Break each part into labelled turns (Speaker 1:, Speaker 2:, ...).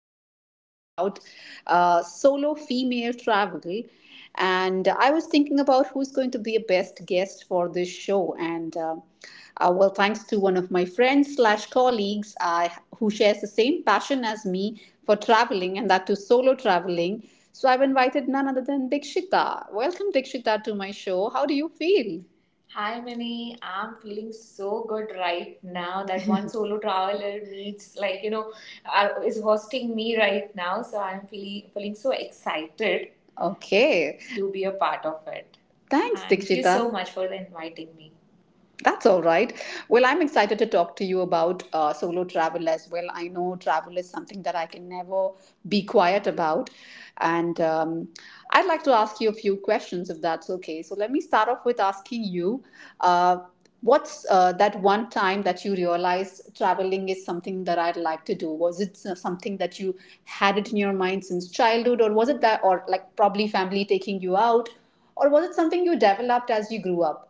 Speaker 1: I'm going to talk about solo female travel. And I was thinking about who's going to be a best guest for this show. And well, thanks to one of my friends/colleagues who shares the same passion as me for traveling, and that to solo traveling. So I've invited none other than Dikshita. Welcome, Dikshita, to my show. How do you feel? Hi, Mini. I'm feeling so good right now that one solo traveler meets, like, is hosting me right now. So I'm feeling so excited, okay, to be a part of it. Thanks. And thank you, Dikshita, so much for inviting me. That's all right. Well, I'm excited to talk to you about solo travel as well. I know travel is something that I can never be quiet about. And I'd like to ask you a few questions if that's okay. So, let me start off with asking you uh, what's that one time that you realized traveling is something that I'd like to do? Was it something that you had it in your mind since childhood, or was it that, or like probably family taking you out, or was it something you developed as you grew up?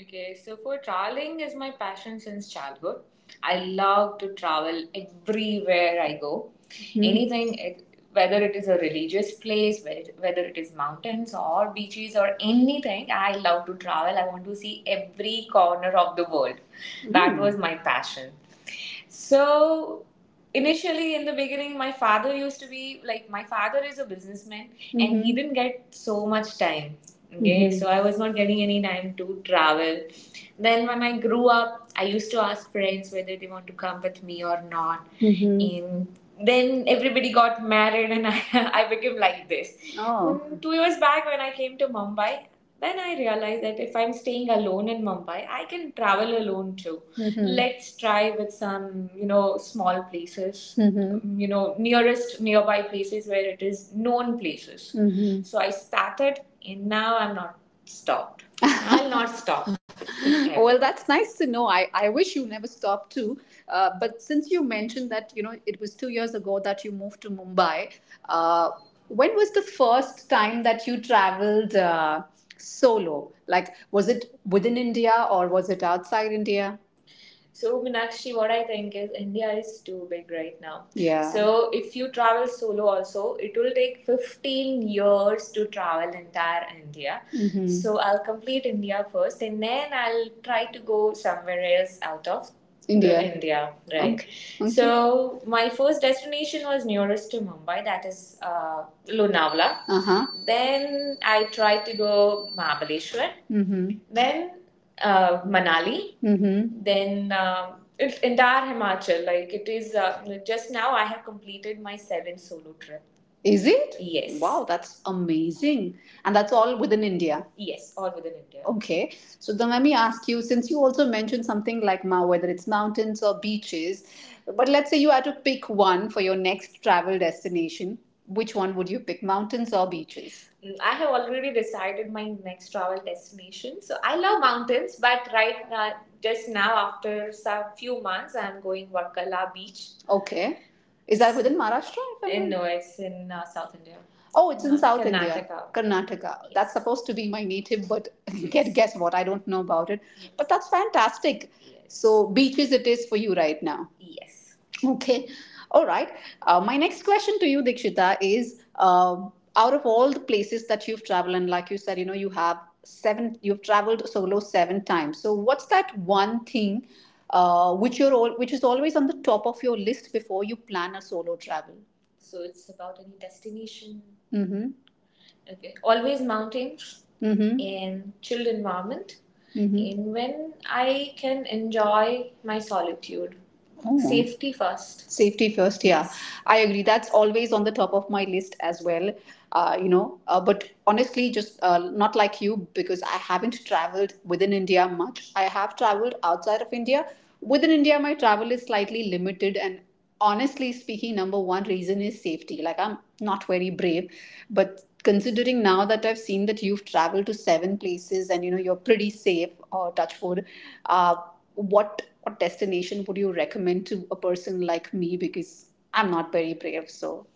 Speaker 1: Okay, so for traveling is my passion since childhood. I love to travel everywhere I go. Mhm. Anything, whether it is a religious place, whether it is mountains or beaches or anything, I love to travel. I want to see every corner of the world. That was my passion. So initially in the beginning my father used to be like my father is a businessman, mm-hmm, and he didn't get so much time. Okay. Mhm. So I was not getting any time to travel. Then when I grew up, I used to ask friends whether they want to come with me or not. Mhm. And then everybody got married and I, I became like this. Oh. 2 years back when I came to Mumbai, then I realized that if I'm staying alone in Mumbai, I can travel alone too. Mm-hmm. Let's try with some, small places, mm-hmm, nearest nearby places where it is known places. Mm-hmm. So I started, and now I'm not stopped. I'll not stop. Okay. Well, that's nice to know. I wish you never stopped too, but since you mentioned that, it was 2 years ago that you moved to Mumbai, uh, when was the first time that you traveled solo? Like, was it within India or was it outside India? So, Meenakshi, what I think is India is too big right now. Yeah. So, if you travel solo, also, it will take 15 years to travel entire India. Mhm. So, I'll complete India first and then I'll try to go somewhere else out of India. India, right? Okay. Okay. So my first destination was nearest to Mumbai, that is Lonavala. Uh huh. Then I tried to go Mahabaleshwar, then Manali, then it's entire Himachal. Like it is just now, I have completed my seventh solo trip. Is it? Yes. Wow, that's amazing. And that's all within India. Yes, all within India. Okay, so then let me ask you since you also mentioned something like Mao, whether it's mountains or beaches, but let's say you had to pick one for your next travel destination, which one would you pick, mountains or beaches? I have already decided my next travel destination. So I love mountains, but right now, just now, after some few months, I'm going Varkala Beach. Okay. Is that within Maharashtra? If I In, no, it's in South India. Oh, it's in South India, Karnataka. Karnataka. Yes. That's supposed to be my native, but guess what? I don't know about it. Yes. But that's fantastic. Yes. So beaches it is for you right now. Yes. Okay. All right. My next question to you, Dikshita, is out of all the places that you've traveled, and like you said, you have seven, you've traveled solo seven times. So, what's that one thing which is always on the top of your list before you plan a solo travel? So it's about any destination. Mm-hmm. Okay. Always mountains, mm-hmm, in chilled environment. Mm-hmm. In When I can enjoy my solitude. Oh. Safety first. Safety first, yeah. Yes. I agree. That's always on the top of my list as well. But honestly, just not like you, because I haven't traveled within India much. I have traveled outside of India. Within India, my travel is slightly limited. And honestly speaking, number one reason is safety. Like, I'm not very brave but considering now that I've seen that you've traveled to seven places and you know you're pretty safe, touch wood, uh, what destination would you recommend to a person like me? Because I'm not very brave, so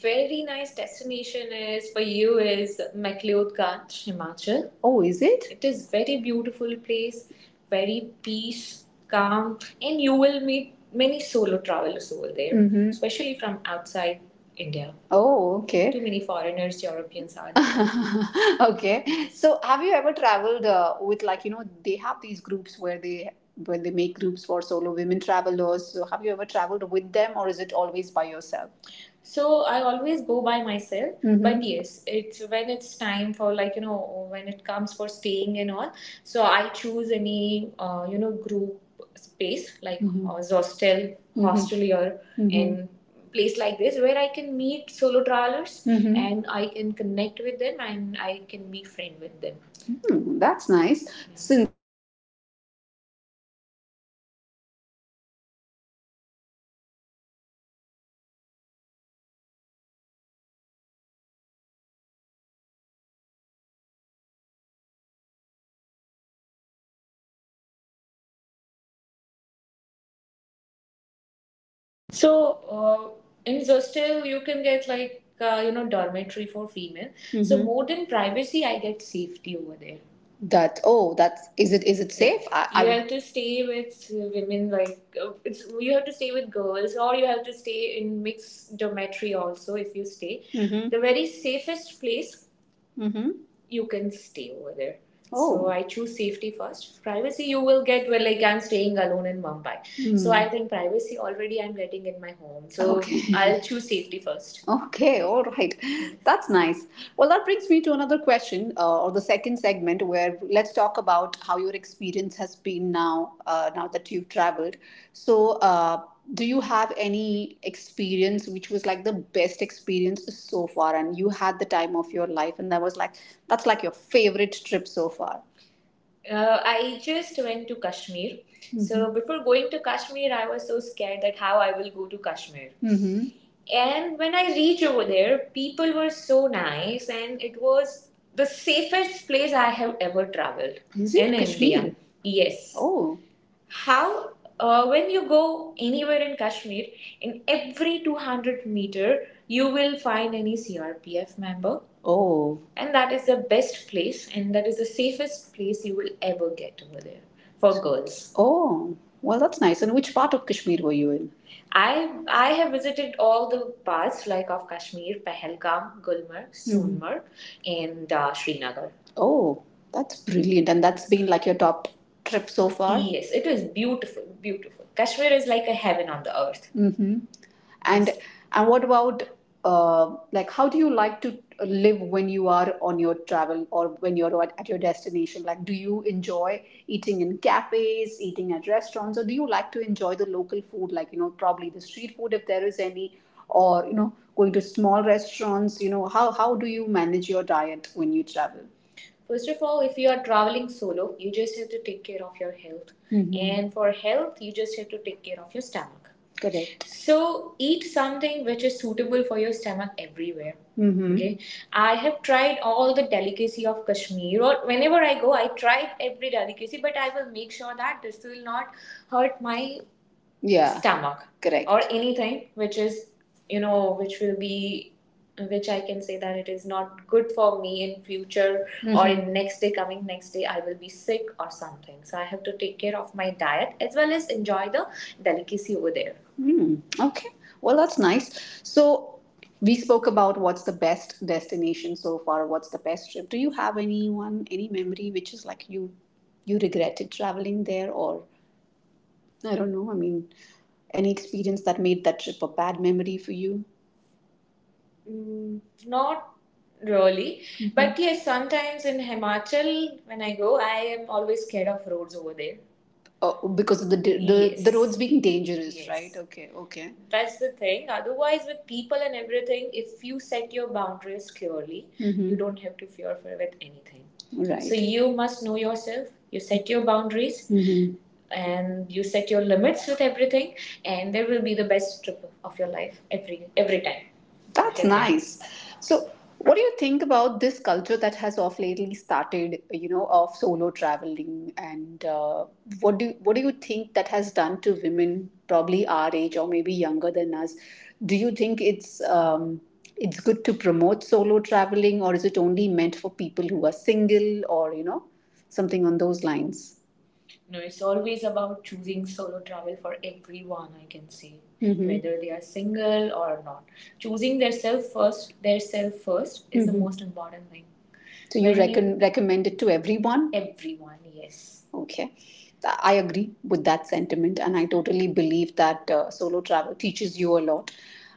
Speaker 1: very nice destination is for you is MacLeod Ganj, Himachal. Oh, is it? It is very beautiful place, very peace, calm, and you will meet many solo travelers over there, mhm, especially from outside India. Oh, okay. Too many foreigners, Europeans are there. Okay. So, have you ever traveled with, like, they have these groups where they make groups for solo women travelers. So, have you ever traveled with them, or is it always by yourself? So I always go by myself. Mm-hmm. But yes, it's when it's time for, like, when it comes for staying and all. So I choose any group space like, mm-hmm, hostel, mm-hmm, hostel, mm-hmm, in place like this where I can meet solo travelers, Mm-hmm. and I can connect with them and I can be friend with them. Hmm, that's nice. Yeah. Since
Speaker 2: So in Zostel, you can get like dormitory for female. Mm-hmm. So more than privacy, I get safety over there. That oh, that's is it safe? I, You I'm have to stay with women, like it's you have to stay with girls, or you have to stay in mixed dormitory also if you stay. Hmm. The very safest place hmm you can stay over there. Oh. So I choose safety first. Privacy you will get, well, like I'm staying alone in Mumbai. Mm. So I think privacy already I'm getting in my home. So, okay. I'll choose safety first. Okay, all right. That's nice. Well, that brings me to another question, or the second segment, where let's talk about how your experience has been now, now that you've traveled. So, do you have any experience which was like the best experience so far and you had the time of your life, and that's like your favorite trip so far? I just went to Kashmir. Mm-hmm. So before going to Kashmir, I was so scared that how I will go to Kashmir. Mm-hmm. And when I reached over there, people were so nice, and it was the safest place I have ever traveled. Is it in Kashmir? India. Yes. Oh. How When you go anywhere in Kashmir, in every 200 meter, you will find any CRPF member. Oh. And that is the best place, and that is the safest place you will ever get over there for girls. Oh. Well, that's nice. And which part of Kashmir were you in? I have visited all the parts, like, of Kashmir: Pahalgam, Gulmarg, Sonmarg, and Srinagar. Oh, that's brilliant. And that's been like your top trip so far? Yes, it was beautiful, beautiful. Kashmir is like a heaven on the earth. Mm-hmm. And yes. And what about like, how do you like to live when you are on your travel, or when you're at your destination? Like, do you enjoy eating in cafes, eating at restaurants, or do you like to enjoy the local food, like probably the street food if there is any, or going to small restaurants? You know how do you manage your diet when you travel? First of all, if you are traveling solo, you just have to take care of your health. Mhm. And for health, you just have to take care of your stomach. Correct. So eat something which is suitable for your stomach everywhere. Mm-hmm. Okay. I have tried all the delicacy of Kashmir, or whenever I go, I try every delicacy, but I will make sure that this will not hurt my, yeah, stomach, correct, or anything which is, which will be, which I can say that it is not good for me in future, or in next day, coming next day I will be sick or something, so I have to take care of my diet as well as enjoy the delicacy over there. Hmm. Okay. Well, that's nice. So we spoke about what's the best destination so far. What's the best trip? Do you have anyone, any memory which is like you regretted traveling there, or I don't know. I mean, any experience that made that trip a bad memory for you? Mm, not really, but yes, sometimes in Himachal when I go, I am always scared of roads over there. Oh, because of the da- the yes, roads being dangerous, yes, right? Yes. Okay, okay. That's the thing. Otherwise, with people and everything, if you set your boundaries clearly, mhm, you, mm-hmm, don't have to fear for with anything, right. So, right, you must know yourself, you set your boundaries, and you set your limits with everything, and there will be the best trip of your life every time. That's nice. So, what do you think about this culture that has of lately started, of solo traveling, and what do you think that has done to women, probably our age or maybe younger than us? Do you think it's good to promote solo traveling, or is it only meant for people who are single, or something on those lines? You know, it's always about choosing solo travel for everyone, I can say, mhm, whether they are single or not. Choosing their self first is, the most important thing. So you recommend it to everyone? Everyone, yes. Okay. I agree with that sentiment, and I totally believe that solo travel teaches you a lot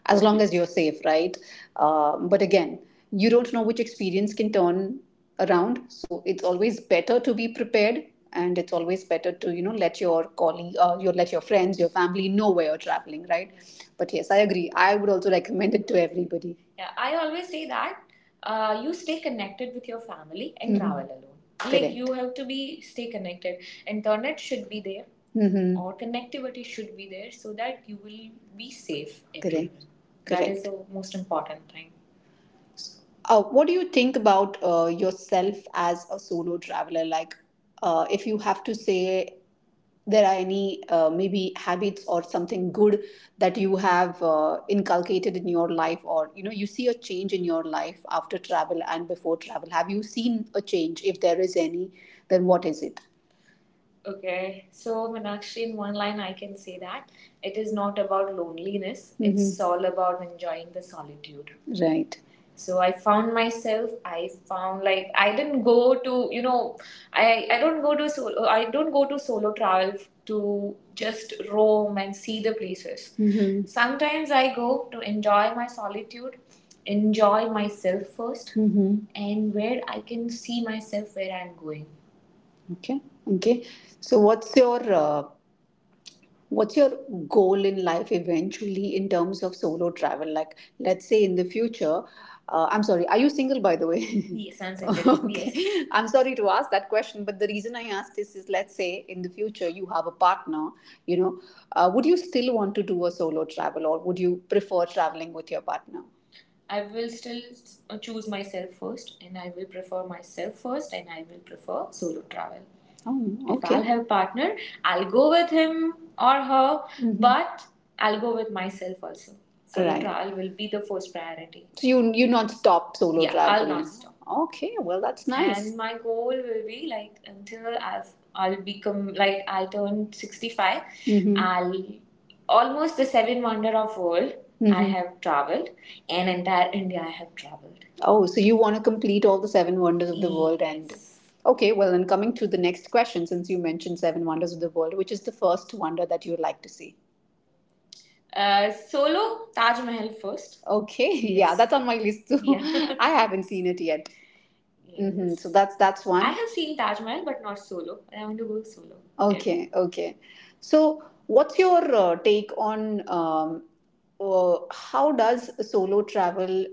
Speaker 2: as long as you're safe, right? But again, you don't know which experience can turn around, so it's always better to be prepared. And it's always better to let your colleague, you let your friends, your family, know where you're traveling, right? But yes, I agree. I would also recommend it to everybody. Yeah, I always say that you stay connected with your family and, travel alone. Correct. Like, you have to be stay connected. Internet should be there, mm-hmm, or connectivity should be there so that you will be safe, correct, everywhere. That is the most important thing. What do you think about yourself as a solo traveler? Like, if you have to say there are any maybe habits or something good that you have inculcated in your life, or you see a change in your life after travel and before travel. Have you seen a change? If there is any, then what is it? Okay, so Meenakshi, in one line, I can say that it is not about loneliness, mm-hmm, it's all about enjoying the solitude. Right. So I found myself, I found, like, I didn't go to, I don't go to solo, I don't go to solo travel to just roam and see the places. Mm-hmm. Sometimes I go to enjoy my solitude, enjoy myself first, mm-hmm, and where I can see myself where I'm going. Okay. Okay. So what's your goal in life eventually in terms of solo travel? Like, let's say in the future, I'm sorry, are you single by the way? Yes, I'm single. Okay. Yes. I'm sorry to ask that question, but the reason I asked this is, let's say in the future you have a partner, you know, would you still want to do a solo travel or would you prefer traveling with your partner? I will still choose myself first, and I will prefer myself first, and I will prefer solo travel. Oh, okay. If I'll, okay, have a partner, I'll go with him or her, mhm, but I'll go with myself also. Solo, right, travel will be the first priority. So you not stop solo, yeah, travel? Yeah, I'll not stop. Okay, well, that's nice. And my goal will be like until I'll become like I'll turn 65, I'll almost the seven wonder of world, mm-hmm. I have traveled, and entire India I have traveled. Oh, so you want to complete all the seven wonders of the, yes, world, and, yes. Okay, well, then coming to the next question, since you mentioned seven wonders of the world, which is the first wonder that you would like to see? Solo, Taj Mahal first. Okay. Yes. Yeah, yes. That's on my list too. Yeah. I haven't seen it yet. So that's one. I have seen Taj Mahal, but not solo. I want to go solo. Okay. Okay, okay. So what's your take on how does solo travel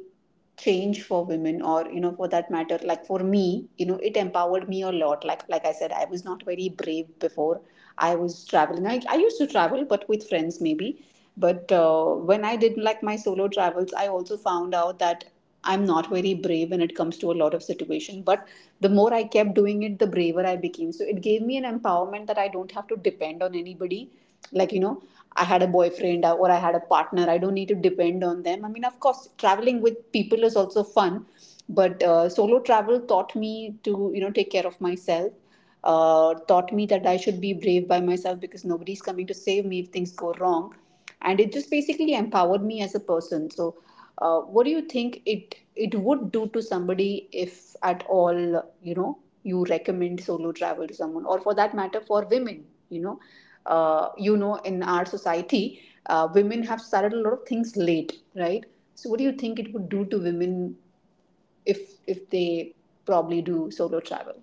Speaker 2: change for women, or for that matter, like for me, it empowered me a lot, like I said, I was not very brave before, I was traveling, I used to travel but with friends maybe, but when I did like my solo travels, I also found out that I'm not very brave when it comes to a lot of situation, but the more I kept doing it, the braver I became. So it gave me an empowerment that I don't have to depend on anybody. Like, I had a boyfriend or I had a partner. I don't need to depend on them. I mean, of course, traveling with people is also fun, but solo travel taught me to take care of myself. Taught me that I should be brave by myself because nobody's coming to save me if things go wrong, and it just basically empowered me as a person. What do you think it would do to somebody if at all, you know, you recommend solo travel to someone, or for that matter for women? You know, you know, in our society, women have started a lot of things late, right? So what do you think it would do to women if they probably do solo travel?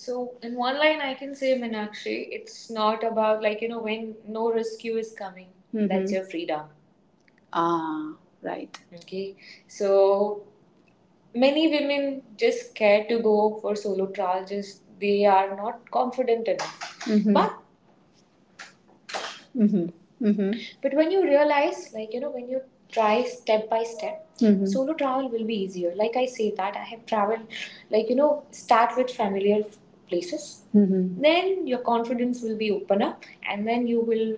Speaker 2: So in one line, I can say, Minakshi, it's not about, like, you know, when no rescue is coming, that's mm-hmm. That's your freedom. Ah, right. Okay, so many women just scared to go for solo trial, just they are not confident enough. Hmm. But mm-hmm. Mm-hmm. But when you realize, like, you know, when you try step by step, hmm, solo travel will be easier. Like I say that, I have traveled, like, you know, start with familiar places. Hmm. Then your confidence will be open up, and then you will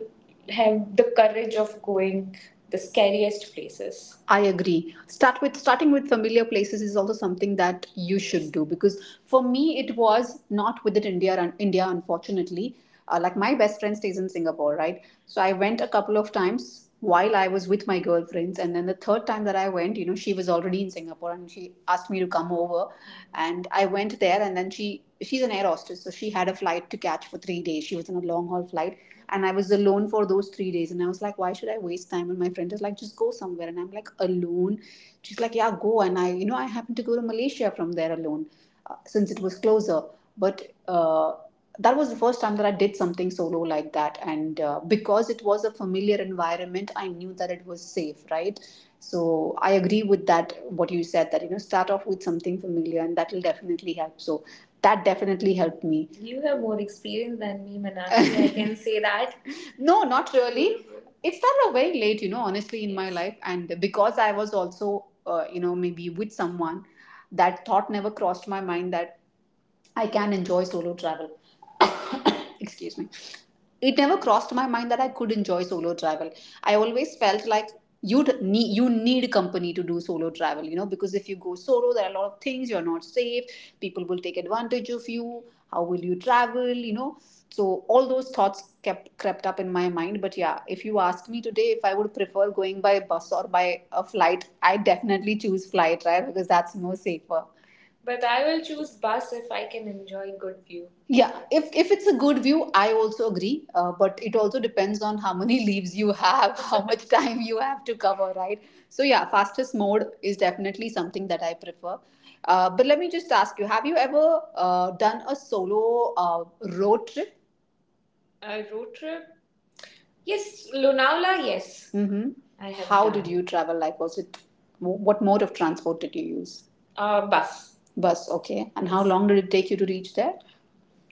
Speaker 2: have the courage of going the scariest places. I agree. Start with starting with familiar places is also something that you should do, because for me it was not within India. India, unfortunately, like my best friend stays in Singapore, right? So I went a couple of times while I was with my girlfriends, and then the third time that I went, you know, she was already in Singapore, and she asked me to come over, and I went there, and then she's an air hostess, so she had a flight to catch for 3 days. She was in a long haul flight, and I was alone for those 3 days, and I was like, why should I waste time? And my friend is like, just go somewhere, and I'm like, alone. She's like, yeah, go, and I, you know, I happened to go to Malaysia from there alone, since it was closer, but that was the first time that I did something solo like that. And because it was a familiar environment, I knew that it was safe, right? So I agree with that, what you said, that, you know, start off with something familiar and that will definitely help. So that definitely helped me. You have more experience than me, Manasi. I can say that. No, not really. It started very late, you know, honestly, in my life. And because I was also, you know, maybe with someone, that thought never crossed my mind that I can enjoy solo travel. Excuse me. It never crossed my mind that I could enjoy solo travel. I always felt like you need company to do solo travel, you know, because if you go solo, there are a lot of things you're not safe. People will take advantage of you. How will you travel? You know, so all those thoughts kept crept up in my mind. But yeah, if you ask me today if I would prefer going by bus or by a flight, I definitely choose flight, right? Because that's more safer. But I will choose bus if I can enjoy good view. Yeah, if it's a good view, I also agree. But it also depends on how many leaves you have, how much time you have to cover, right? So yeah, fastest mode is definitely something that I prefer. But let me just ask you: have you ever done a solo road trip? A road trip? Yes, Lonavala, yes. Hmm. I have How done. Did you travel? Like, was it, what mode of transport did you use? Bus. Bus, okay. And how long did it take you to reach there?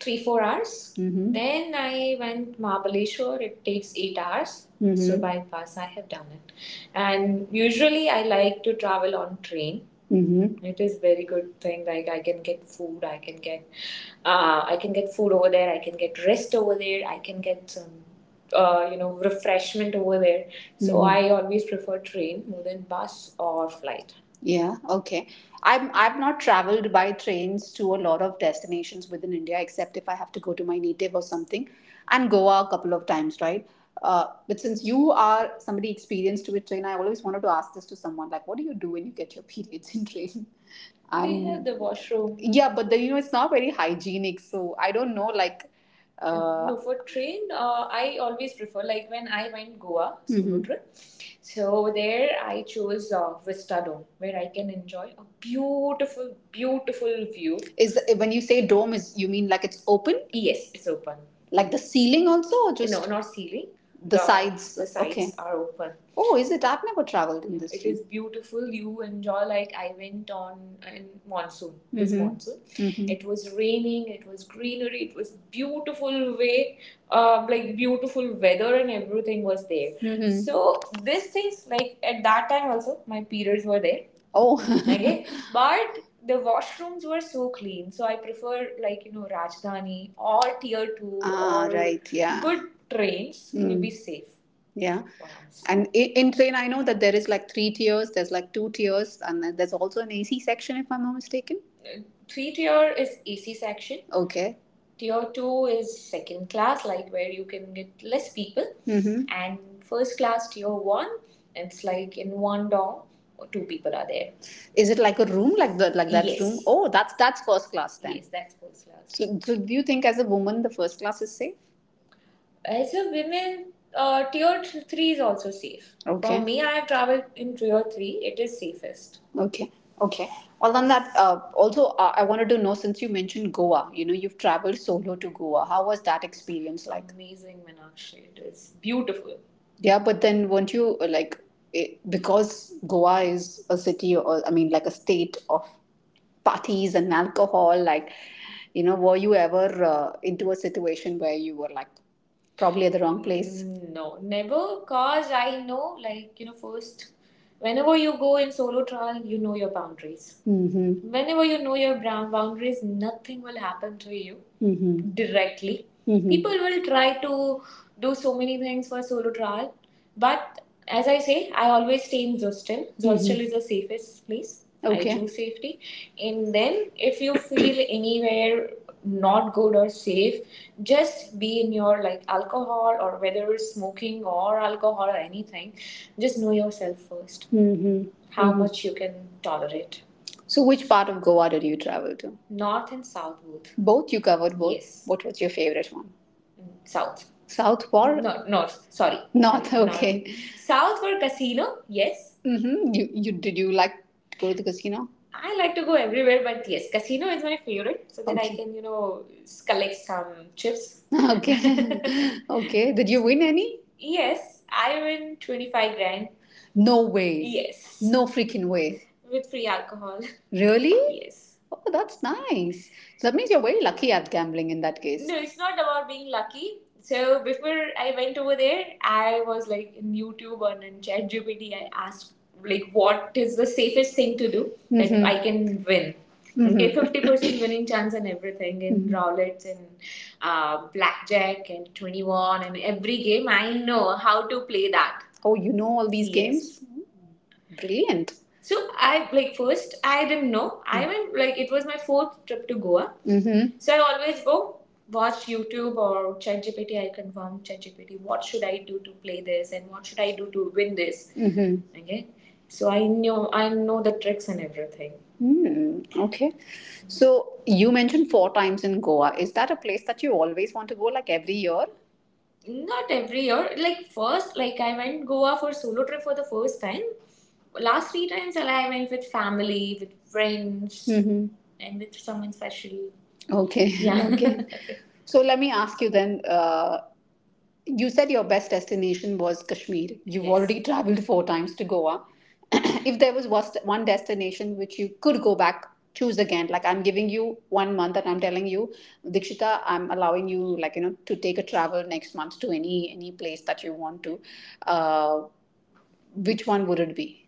Speaker 2: 3-4 hours. Mm-hmm. Then I went Mahabaleshwar. It takes 8 hours. Mhm. So by bus I have done it, and usually I like to travel on train. Mm-hmm. It is very good thing. Like I can get food. I can get food over there. I can get rest over there. I can get some, you know, refreshment over there. So mhm, I always prefer train more than bus or flight. Yeah, okay. I'm I've not traveled by trains to a lot of destinations within India, except if I have to go to my native or something, and Goa a couple of times, right? But since you are somebody experienced with train, I always wanted to ask this to someone, like, what do you do when you get your periods in train? They have the washroom. Yeah, but the, you know, it's not very hygienic, so I don't know, like No, for train, I always prefer, like, when I went Goa solo. Mhm. Trip. So there, I chose Vista Dome, where I can enjoy a beautiful, beautiful view. Is, when you say dome, is you mean like it's open? Yes, it's open. Like the ceiling also or? No, just not ceiling. The sides, the, okay, sides. Okay. Are open. Oh, is it? I've never traveled in this. It is beautiful. You enjoy, like I went on in monsoon. Mm-hmm. This mhm monsoon, mhm, it was raining. It was greenery. It was beautiful way, like beautiful weather and everything was there. Mhm. So these things, like at that time also my periods were there. Oh. Okay, but the washrooms were so clean. So I prefer, like, you know, Rajdhani or Tier Two, ah, or right, yeah, good trains mm will mm be safe. Yeah. Wow. And in train, I know that there is like three tiers, there's like two tiers, and then there's also an AC section, if I'm not mistaken. Three tier is AC section. Okay. Tier two is second class, like where you can get less people, mm-hmm, and first class tier one. It's like in one dorm, two people are there. Is it like a room, like the, like that Yes. room? Yes. Oh, that's first class then. Yes, that's first class. So, so do you think as a woman the first class is safe? As a women, tier three is also safe. Okay. For me, I have traveled in tier three. It is safest. Okay. Okay. Well, on that, also, I wanted to know, since you mentioned Goa, you know, you've traveled solo to Goa. How was that experience like? Amazing, Meenakshi. It is beautiful. Yeah, but then, won't you like it, because Goa is a city, or I mean like a state of parties and alcohol, like you know, were you ever into a situation where you were like probably at the wrong place? No, never. Cause I know, like you know, first. Whenever you go in solo trial, you know your boundaries. Mm-hmm. Whenever you know your boundaries, nothing will happen to you mm-hmm directly. Mm-hmm. People will try to do so many things for solo trial, but as I say, I always stay in Zostel. Zostel mm-hmm is the safest place. Okay. I, okay, choose safety, and then if you feel anywhere not good or safe, just be in your, like, alcohol or whether smoking or alcohol or anything, just know yourself first, mm-hmm, how mm-hmm much you can tolerate. So, which part of Goa did you travel to? North and south, both. Both, you covered both. Yes. What was your favorite one? South. South or no north, sorry, north? North. Okay. North. South were casino, yes. Mm-hmm. You did you like to go to the casino? I like to go everywhere, but yes, casino is my favorite. So then okay. I, okay, can, you know, collect some chips. Okay. Okay. Did you win any? Yes, I win 25 grand. No way. Yes. No freaking way, with free alcohol. Really? Yes. Oh, that's nice. So that means you're very lucky at gambling in that case. No, it's not about being lucky. So before I went over there, I was like in YouTube or in ChatGPT. I asked, like, what is the safest thing to do that mhm I can win? Mhm. Okay, 50% winning chance and everything in mm-hmm roulette and blackjack and 21 and every game. I know how to play that. Oh, you know all these Yes. games? Brilliant. So I like, first I didn't know. I went, like, it was my fourth trip to Goa. Mm-hmm. So I always go watch YouTube or ChatGPT. I confirm ChatGPT. What should I do to play this, and what should I do to win this? Mm-hmm. Okay. So I know, I know the tricks and everything. Hmm. Okay. So you mentioned four times in Goa. Is that a place that you always want to go, like every year? Not every year. Like, first, like I went Goa for solo trip for the first time. Last three times, I went with family, with friends, mm-hmm, and with someone special. Okay. Yeah. Okay. So let me ask you then. You said your best destination was Kashmir. You've, yes, already traveled four times to Goa. If there was one destination which you could go back, choose again. Like I'm giving you 1 month, and I'm telling you, Dikshita, I'm allowing you, to take a travel next month to any place that you want to. Uh, which one would it be?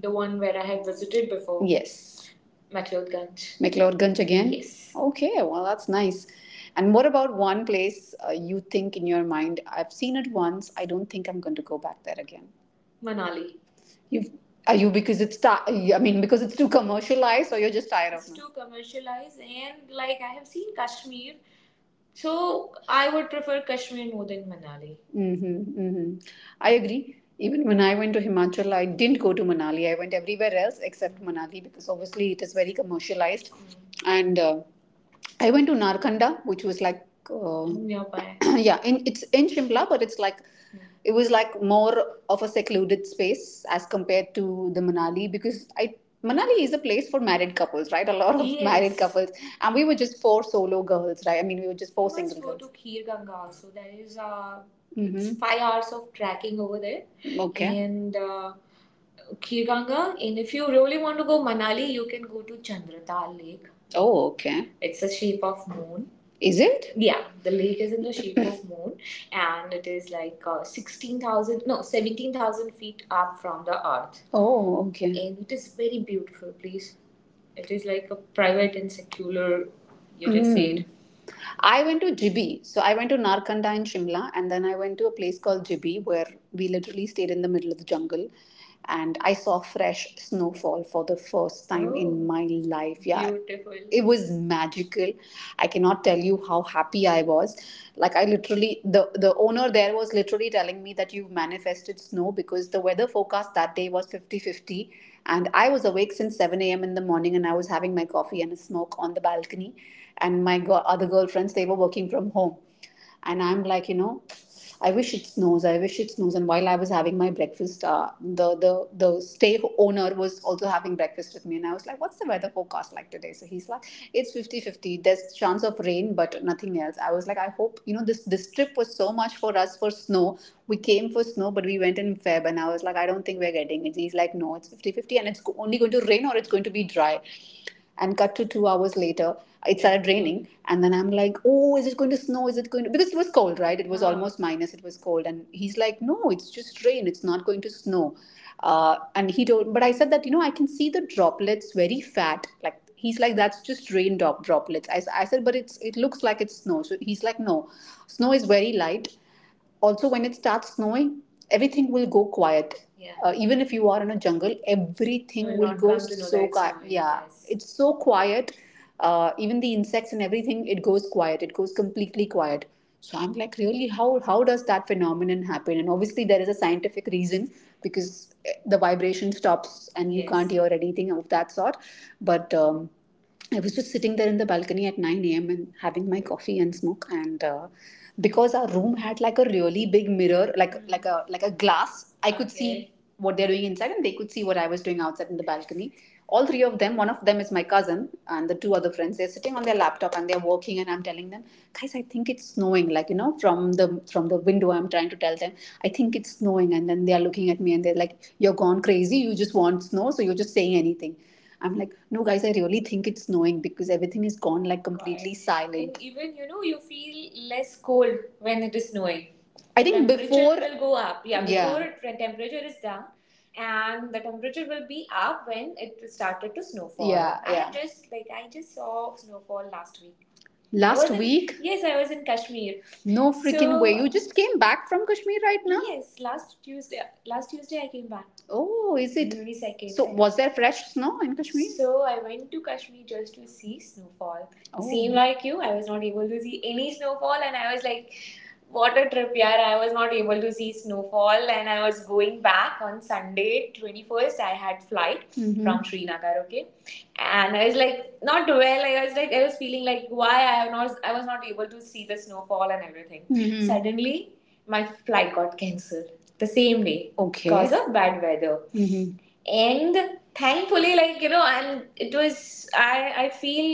Speaker 2: The one where I had visited before, Yes. McLeodganj. McLeodganj again? Yes. Okay, well, that's nice. And what about one place you think in your mind, I've seen it once, I don't think I'm going to go back there again? Manali. You've, are you because I mean, because it's too commercialized or you're just tired of it? It's too commercialized, and like I have seen Kashmir, so I would prefer Kashmir more than Manali. Mm-hmm, mm-hmm. I agree. Even when I went to Himachal, I didn't go to Manali. I went everywhere else except Manali because obviously it is very commercialized. Mm-hmm. And I went to Narkanda, which was like nearby. Yeah, it's in Shimla, but it's like it was like more of a secluded space as compared to the Manali because I Manali is a place for married couples, right? A lot of, yes, married, Yes, couples, and we were just four solo girls, right? I mean, we were just four, You must, single girls. Let's go to girls. Khir Ganga also. There is, Mm-hmm, it's 5 hours of trekking over there, okay, and Khir Ganga. And if you really want to go Manali, you can go to Chandratal Lake. Oh, okay. It's a shape of moon. Is it? Yeah, the lake is in the shape of moon, and it is like 16,000, no, 17,000 feet up from the earth. Oh, okay. And it is very beautiful place. It is like a private and secular, you just said. I went to Jibi. So I went to Narkanda in Shimla, and then I went to a place called Jibi where we literally stayed in the middle of the jungle. And I saw fresh snowfall for the first time, oh, in my life. Yeah, beautiful. It was magical. I cannot tell you how happy I was. Like the owner there was literally telling me that you've manifested snow because the weather forecast that day was fifty fifty. And I was awake since 7 a.m. in the morning, and I was having my coffee and a smoke on the balcony. And my other girlfriends, they were working from home. And I'm like, I wish it snows. I wish it snows. And while I was having my breakfast, the stay owner was also having breakfast with me. And I was like, what's the weather forecast like today? So he's like, it's 50 50. There's chance of rain, but nothing else. I was like, I hope, this trip was so much for us for snow. We came for snow, but we went in Feb. And I was like, I don't think we're getting wedding. And he's like, no, it's fifty-fifty, and it's only going to rain or it's going to be dry. And cut to 2 hours later, it started raining. And then I'm like, oh, is it going to snow? Is it going to. Because it was cold, right? It was, uh-huh, almost minus, it was cold. And he's like, no, it's just rain. It's not going to snow. And he told, but I said that, I can see the droplets very fat. Like, he's like, that's just rain droplets. I said, but it looks like it's snow. So he's like, no, snow is very light also. When it starts snowing, everything will go quiet. Yeah. Even if you are in a jungle, everything will go so quiet. Yeah, yes, it's so quiet. Even the insects and everything, it goes quiet. It goes completely quiet. So I'm like, really, how does that phenomenon happen? And obviously, there is a scientific reason because the vibration stops, and you, Yes, can't hear anything of that sort. But I was just sitting there in the balcony at 9 a.m. and having my coffee and smoke. And because our room had like a really big mirror, like a glass, I could see what they're doing inside, and they could see what I was doing outside in the balcony. All three of them. One of them is my cousin, and the two other friends. They're sitting on their laptop, and they're working. And I'm telling them, guys, I think it's snowing. Like, from the window, I'm trying to tell them, I think it's snowing. And then they are looking at me, and they're like, "You're gone crazy. You just want snow, so you're just saying anything." I'm like, no, guys, I really think it's snowing because everything is gone like completely and silent. And even, you feel less cold when it is snowing. I think temperature before, will go up. Yeah, yeah. Before, yeah, it, when temperature is down, and the temperature will be up when it started to snowfall. Yeah, I yeah. Just like I just saw snowfall last week. I, last, was in week, yes, I was in Kashmir. No freaking way. So you just came back from Kashmir right now? Yes, last Tuesday I came back. Oh, is it? Unicycle. So, was there fresh snow in Kashmir? So I went to Kashmir just to see snowfall. Oh. Same like you, I was not able to see any snowfall, and I was like, "What a trip, yeah!" I was not able to see snowfall, and I was going back on Sunday, 21st. I had flight, mhm, from Srinagar. Okay, and I was like not well. I was like I was feeling like why I was not able to see the snowfall and everything. Mhm. Suddenly, my flight got cancelled the same day, okay, because of bad weather. Mhm. And thankfully, like and it was, I feel,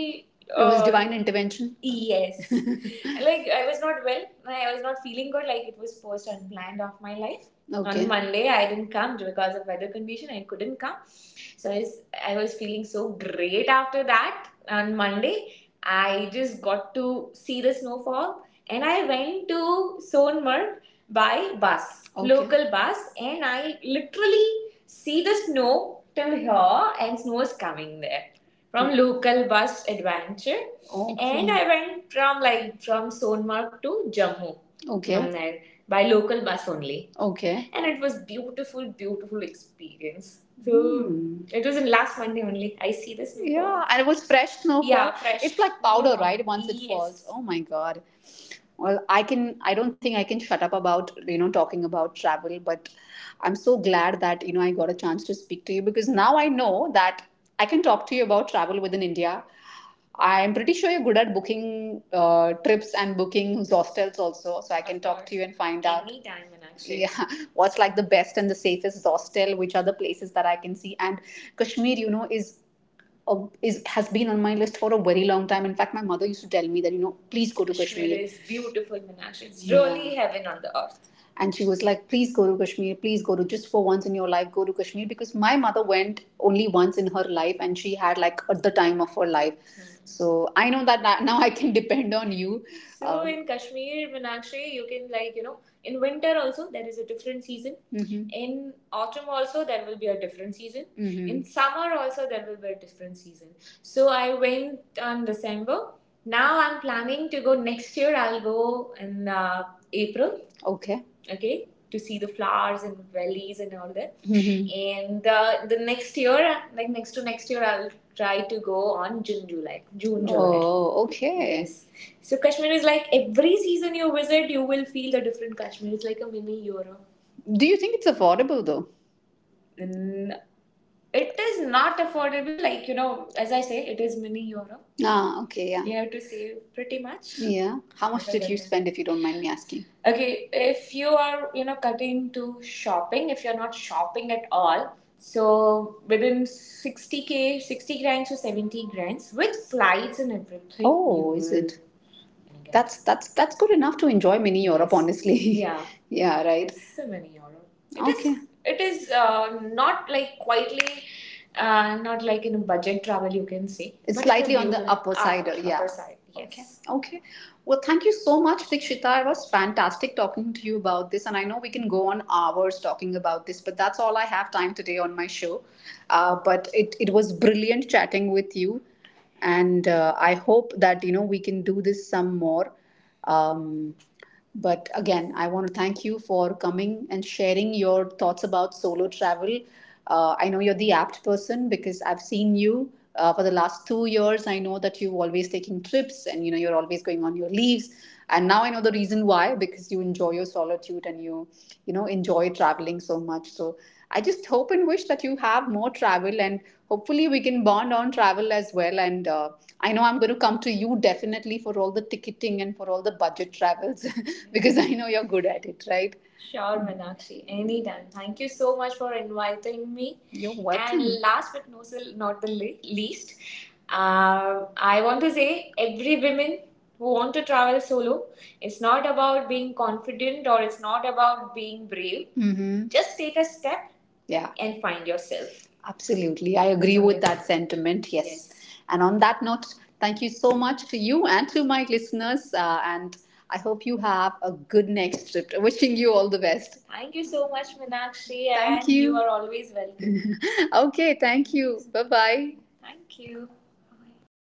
Speaker 2: it was, divine intervention. Yes. Like, I was not well, I was not feeling good. Like, it was first unplanned of my life. Okay. On, okay, Monday I didn't come because of weather condition. I couldn't come, so I was, I was feeling so great after that. On Monday, I just got to see the snowfall, and I went to Sonmarg by bus, okay, local bus, and I literally see the snow till here, and snow is coming there from local bus adventure. Okay. And I went from Sonmark to Jammu, okay, from okay, there by local bus only. Okay. And it was beautiful, beautiful experience. So it was in last Monday only. I see this. Yeah, and it was fresh snowfall. Yeah, fresh. It's like powder, right? Once, yes, it, Yes, falls. Oh my god, well, I don't think I can shut up about, talking about travel. But I'm so glad that, I got a chance to speak to you, because now I know that I can talk to you about travel within India. I'm pretty sure you're good at booking trips and booking hostels also, so I can, Of, talk to you and find out, anytime, and actually, yeah. What's like the best and the safest hostel, which are the places that I can see? And Kashmir, is has been on my list for a very long time. In fact, my mother used to tell me that, please go to Kashmir, is beautiful, Minash. It's really, yeah, really heaven on the earth. And she was like, please go to Kashmir, please go to, just for once in your life, go to Kashmir because my mother went only once in her life, and she had like at the time of her life, so I know that now I can depend on you. So in Kashmir, Minakshi, you can like, in winter also there is a different season. Mhm. In autumn also there will be a different season. Mhm. In summer also there will be a different season. So I went on December. Now I'm planning to go next year. I'll go in April. Okay, okay, to see the flowers and valleys and all that. Mhm. And the next year, like, next to next year, I'll try to go on June July, June July. Oh, okay. Yes. So Kashmir is like every season you visit you will feel the different Kashmir. It's like a mini Europe. Do you think it's affordable though? Mm, it is not affordable. Like, as I say, it is mini Europe. Ah, okay, yeah. You have to save pretty much. Yeah. How much did you spend, if you don't mind me asking? Okay, if you are, cutting to shopping, if you're not shopping at all, so within 60K, 60 grand to 70 grand with flights and everything. Oh, is it? That's good enough to enjoy Mini Europe, honestly. Yeah. Yeah, right. It's a mini Europe. It is. Okay. It is, not like quietly, not like in a budget travel you can say. It's, but slightly on the upper side, up, yeah. Upper side. Yes. Okay. Okay, well, thank you so much, Dikshita. It was fantastic talking to you about this. And I know we can go on hours talking about this, but that's all I have time today on my show. But it was brilliant chatting with you, and I hope that, we can do this some more. um, but again, I want to thank you for coming and sharing your thoughts about solo travel. I know you're the apt person because I've seen you, for the last 2 years I know that you've always taken trips, and, you're always going on your leaves, and now I know the reason why, because you enjoy your solitude, and you know enjoy traveling so much. So I just hope and wish that you have more travel, and hopefully we can bond on travel as well. And I know I'm going to come to you definitely for all the ticketing and for all the budget travels because I know you're good at it, right? Sure, Manakshi. Anytime. Thank you so much for inviting me. You're welcome. And last but no, not the least, I want to say every woman who want to travel solo, it's not about being confident or it's not about being brave. Mm-hmm. Just take a step, yeah, and find yourself. Absolutely. I agree with that sentiment. Yes. Yes. And on that note, thank you so much to you and to my listeners. And I hope you have a good next trip. Wishing you all the best. Thank you so much, Minakshi. Thank and you you. Are always welcome. Okay. Thank you. Bye bye. Thank you. Bye.